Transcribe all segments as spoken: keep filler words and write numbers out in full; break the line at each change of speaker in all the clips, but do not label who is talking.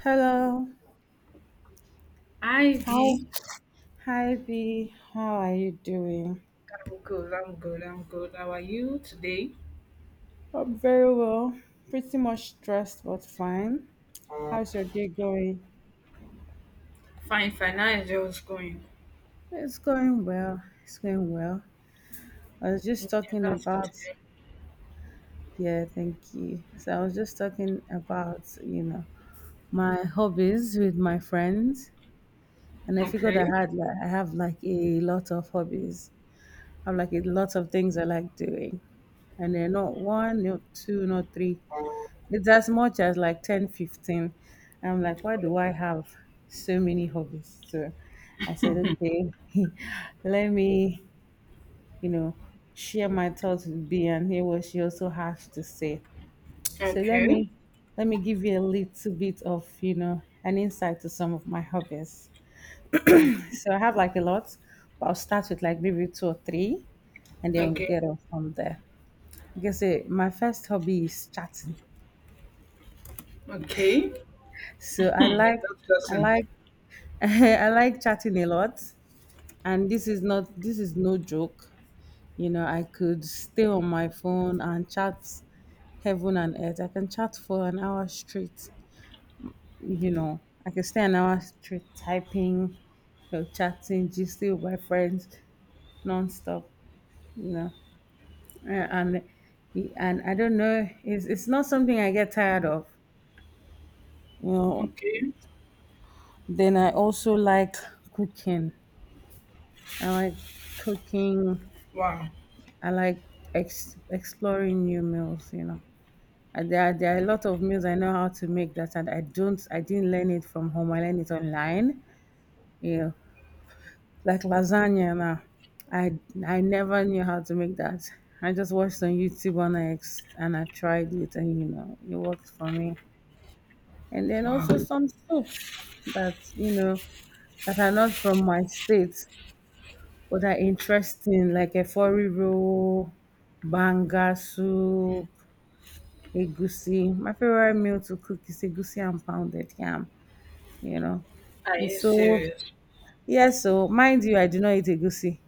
Hello.
Hi V,
Hi. Hi, B. How are you doing?
I'm good, I'm good, I'm good. How are you today?
I'm very well. Pretty much stressed, but fine. How's your day going?
Fine, fine. How is yours going?
It's going well. It's going well. I was just
Okay,
talking
that's good to
about,
hear.
Yeah, thank you. So I was just talking about, you know, my hobbies with my friends. And I figured
Okay,
I had like I have like a lot of hobbies. I have like a lot of things I like doing. And they're not one, not two, not three. It's as much as like ten, fifteen. I'm like, why do I have so many hobbies? So I said, okay, let me, you know, share my thoughts with B and hear what she also has to say. So let
okay,
me let me give you a little bit of, you know, an insight to some of my hobbies. So I have like a lot, but I'll start with like maybe two or three and then we'll
okay,
get on from there. I guess eh, my first hobby is chatting.
okay.
So I
Hmm, you're
like
that
I
person.
like I like chatting a lot, and this is not this is no joke. You know, I could stay on my phone and chat heaven and earth. I can chat for an hour straight. You know, I can stay an hour straight typing, you know, chatting, gisting with my friends nonstop. You know, Uh, and and I don't know, it's it's not something I get tired of. You know,
Okay,
then I also like cooking. I like cooking.
wow,
I like ex- exploring new meals. You know, and there are, there are a lot of meals I know how to make that, and I don't. I didn't learn it from home. I learned it online. You know, like lasagna. Now, I I never knew how to make that. I just watched on YouTube and I ex- and I tried it, and you know, it worked for me. And then
wow.
also some soups that you know that are not from my state but are interesting, like a four roll, banga soup, Egusi. My favorite meal to cook is egusi and pounded yam. You know,
Are
it's
you
so
serious?
Yes. So mind you, I do not eat egusi.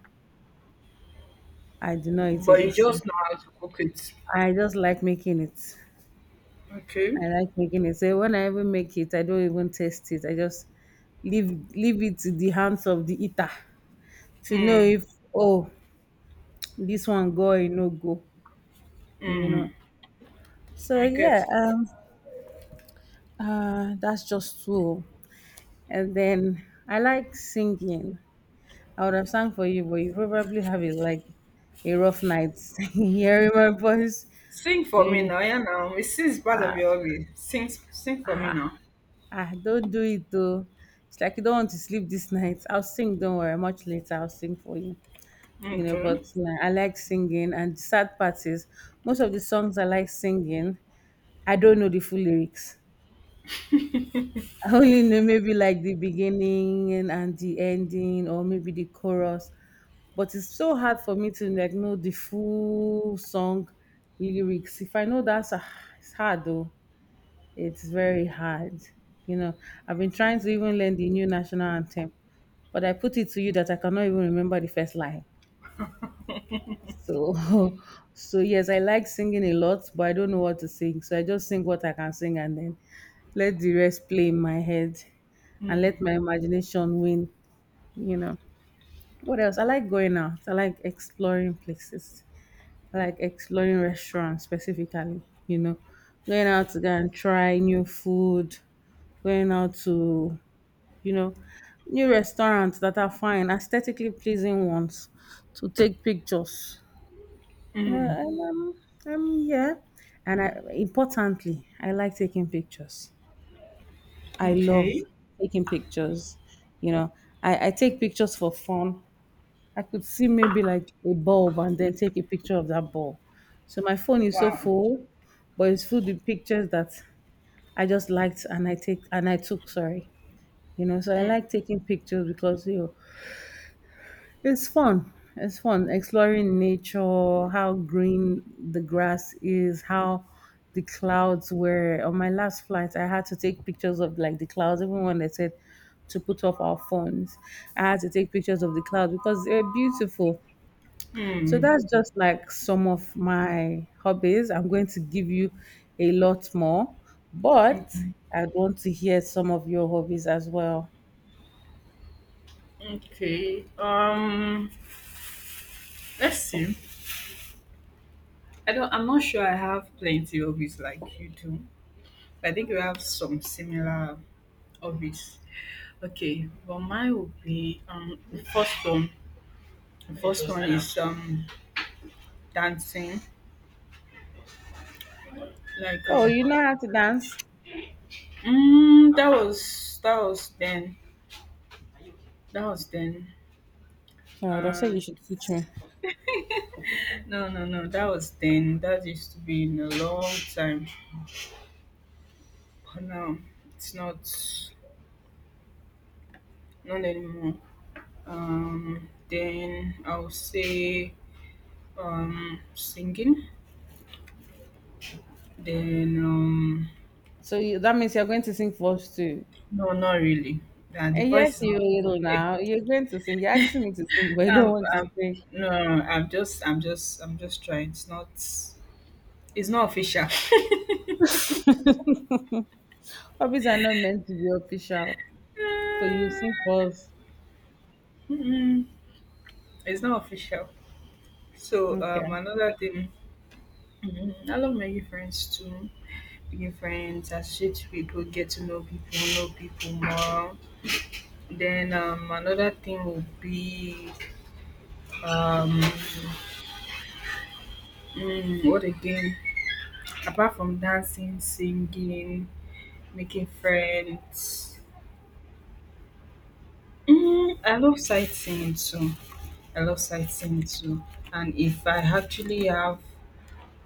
I do not eat
But you
egusi.
just know how to cook it.
I just like making it.
Okay.
I like making it. So when I even make it, I don't even taste it. I just leave leave it to the hands of the eater to know
Mm,
if, oh, this one go or e no go. You know.
mm,
So
I
yeah,
get.
um, uh, that's just two. And then I like singing. I would have sung for you, but you probably have a like a rough night hearing my voice.
Sing for
When you
me
know,
now, yeah now. It is part of
ah,
your way. Sing, sing for me
ah,
now.
ah, Don't do it though. It's like you don't want to sleep this night. I'll sing. Don't worry. Much later, I'll sing for you. You know,
Okay.
but like, I like singing, and the sad part is most of the songs I like singing, I don't know the full lyrics. I only know maybe like the beginning and the ending, or maybe the chorus. But it's so hard for me to like know the full song lyrics. If I know that's ah, It's hard though. It's very hard. You know, I've been trying to even learn the new national anthem, but I put it to you that I cannot even remember the first line. So, so yes, I like singing a lot, but I don't know what to sing. So I just sing what I can sing and then let the rest play in my head and let
Mm.
my imagination win, you know. What else? I like going out. I like exploring places. Like exploring restaurants specifically, you know, going out to go and try new food, going out to, you know, new restaurants that are fine, aesthetically pleasing ones to take pictures. You know,
Mm.
and um, um, yeah. And I, importantly, I like taking pictures. I love
Okay.
taking pictures. You know, I, I take pictures for fun. I could see maybe like a bulb and then take a picture of that bulb. So my phone is so
Wow.
full, but it's full with pictures that I just liked and I take and I took, sorry. You know, so I
Hmm.
like taking pictures because you know, it's fun. It's fun exploring nature, how green the grass is, how the clouds were. On my last flight, I had to take pictures of like the clouds, even when they said to put off our phones. I had to take pictures of the clouds because they're beautiful. So
Hmm.
that's just like some of my hobbies. I'm going to give you a lot more, but
Mm.
I want to hear some of your hobbies as well.
Okay. Um. Let's see. I don't. I'm not sure. I have plenty hobbies like you do. I think you have some similar hobbies. Okay. Well, mine would be um the first one. The first one is um dancing. Like
Oh,
um.
you know how to dance?
Mm, that was that was then. That was then.
Oh, that's why you
Um.
should teach me.
No no no. That was then. That used to be in a long time. No, it's not not anymore. Um, then I'll say um singing. Then um
So you, that means you're going to sing for us too.
no, not really. Uh, the
And yes,
voice is
you
not even
little
there.
now. You're going to sing. You're asking me to sing, but I don't
Um,
want to
um,
sing.
no, no, no, I'm just, I'm just, I'm just trying. It's not, it's not official.
Hobbies are not meant to be official. So you
Uh,
sing for us.
Mm-mm. It's not official. So
Okay.
um, another thing, mm, I love making friends too. Your friends, associate with people, get to know people, know people more. Then um, another thing would be um, mm, what again? Apart from dancing, singing, making friends, mm, I love sightseeing too. I love sightseeing too. And if I actually have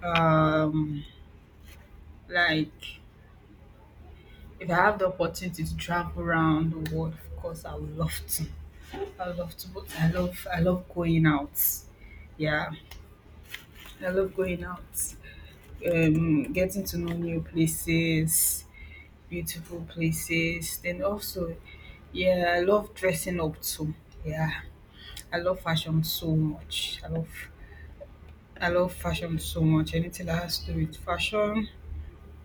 um, like if I have the opportunity to travel around the world, of course I would love to. I love to both. I love I love going out. Yeah, I love going out. Um, getting to know new places, beautiful places. Then also, yeah, I love dressing up too. Yeah, I love fashion so much. I love I love fashion so much. Anything that has to do with fashion,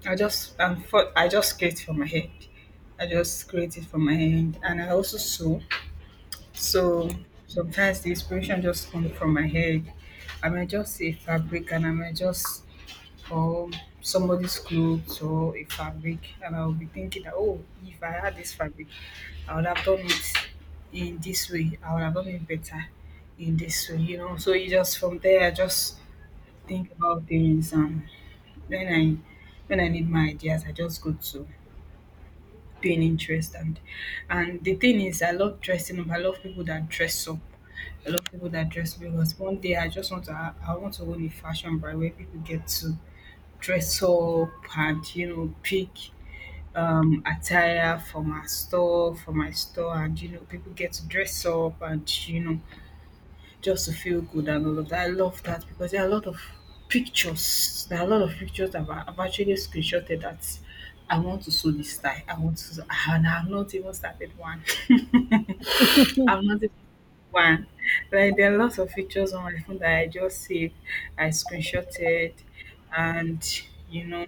I just I'm for, I just create it from my head. I just create it from my hand, and I also sew. So sometimes the inspiration just comes from my head. I might just see a fabric and I might just or somebody's clothes or a fabric and I'll be thinking that, oh, if I had this fabric I would have done it in this way. I would have done it better in this way, you know. So you just from there I just think about things and when I when I need my ideas I just go to Pinterest and and the thing is I love dressing up. I love people that dress up, a lot of people that dress, because one day I just want to ha- I want to own a fashion brand where people get to dress up and, you know, pick um attire for my store, for my store, and, you know, people get to dress up and, you know, just to feel good and all of that. I love that because there are a lot of pictures. There are a lot of pictures that I've I've actually screenshotted that I want to sew this tie. I want to sew, and I've not even started one. I've not one. Like there are lots of pictures on my phone that I just saved, I screenshotted, and you know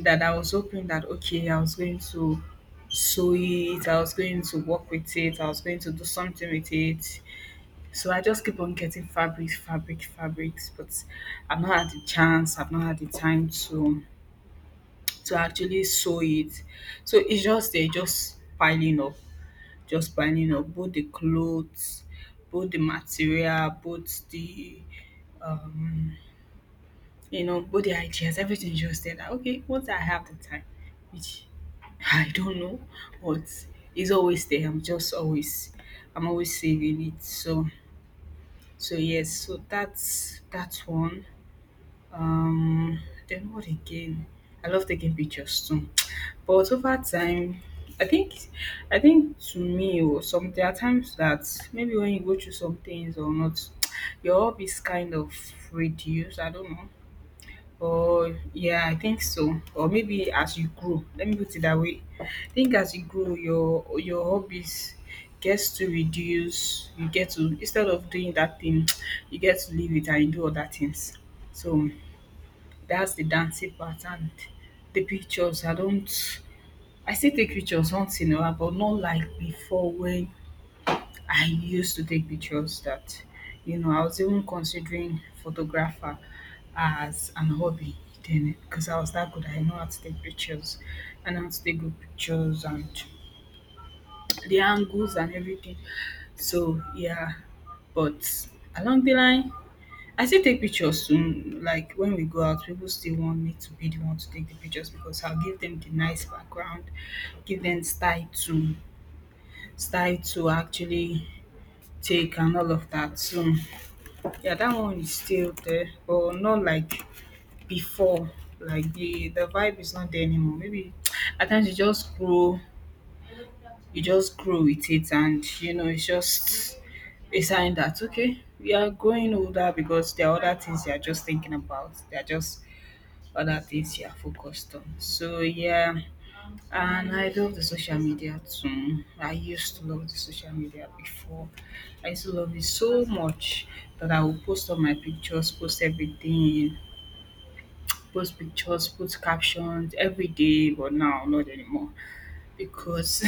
that I was hoping that, okay, I was going to sew it, I was going to work with it, I was going to do something with it. So I just keep on getting fabrics, fabric, fabrics, but I've not had the chance, I've not had the time to to actually sew it. So it's just they just piling up, just buying up, both the clothes, both the material, both the, you know, both the ideas, everything just there that, okay, once I have the time, which I don't know, but it's always there. I'm just always I'm always saving it. So so yes, so that's that's one. Um then what again? I love taking pictures too. But over time, I think I think to me or some, there are times that maybe when you go through some things or not, your hobby is kind of reduced. I don't know. Or yeah, I think so. Or maybe as you grow, let me put it that way. I think as you grow, your your hobbies gets to reduce. You get to, instead of doing that thing, you get to leave it and you do other things. So that's the dancing part and the pictures. I don't. I still take pictures once in a while, but not like before when I used to take pictures that, you know, I was even considering photographer as an hobby then because I was that good. I know how to take pictures and how to take good pictures and the angles and everything. So yeah, but along the line, I still take pictures soon. Like when we go out, people still want me to be the one to take the pictures because I'll give them the nice background, give them style to style to actually take and all of that. So yeah, that one is still there, but not like before. Like the the vibe is not there anymore. Maybe at times you just grow, you just grow with it, and you know it's just a sign that, okay, we are growing older because there are other things you are just thinking about. There are just other things you are focused on. So yeah, and I love the social media too. I used to love the social media before. I used to love it so much that I would post all my pictures, post everything, post pictures, post captions every day, but now not anymore. Because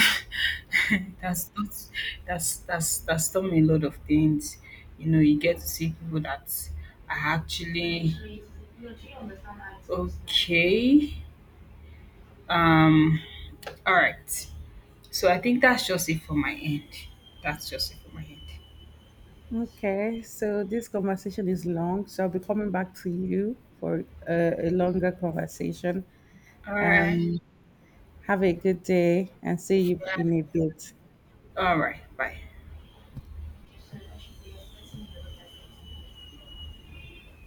that's not that's that's that's taught me a lot of things. You know, you get to see people that are actually okay. Um all right. So I think that's just it for my end. That's just it for my end.
Okay, so this conversation is long, so I'll be coming back to you for uh, a longer conversation.
All right.
Have a good day and see you in a bit.
All right. Bye.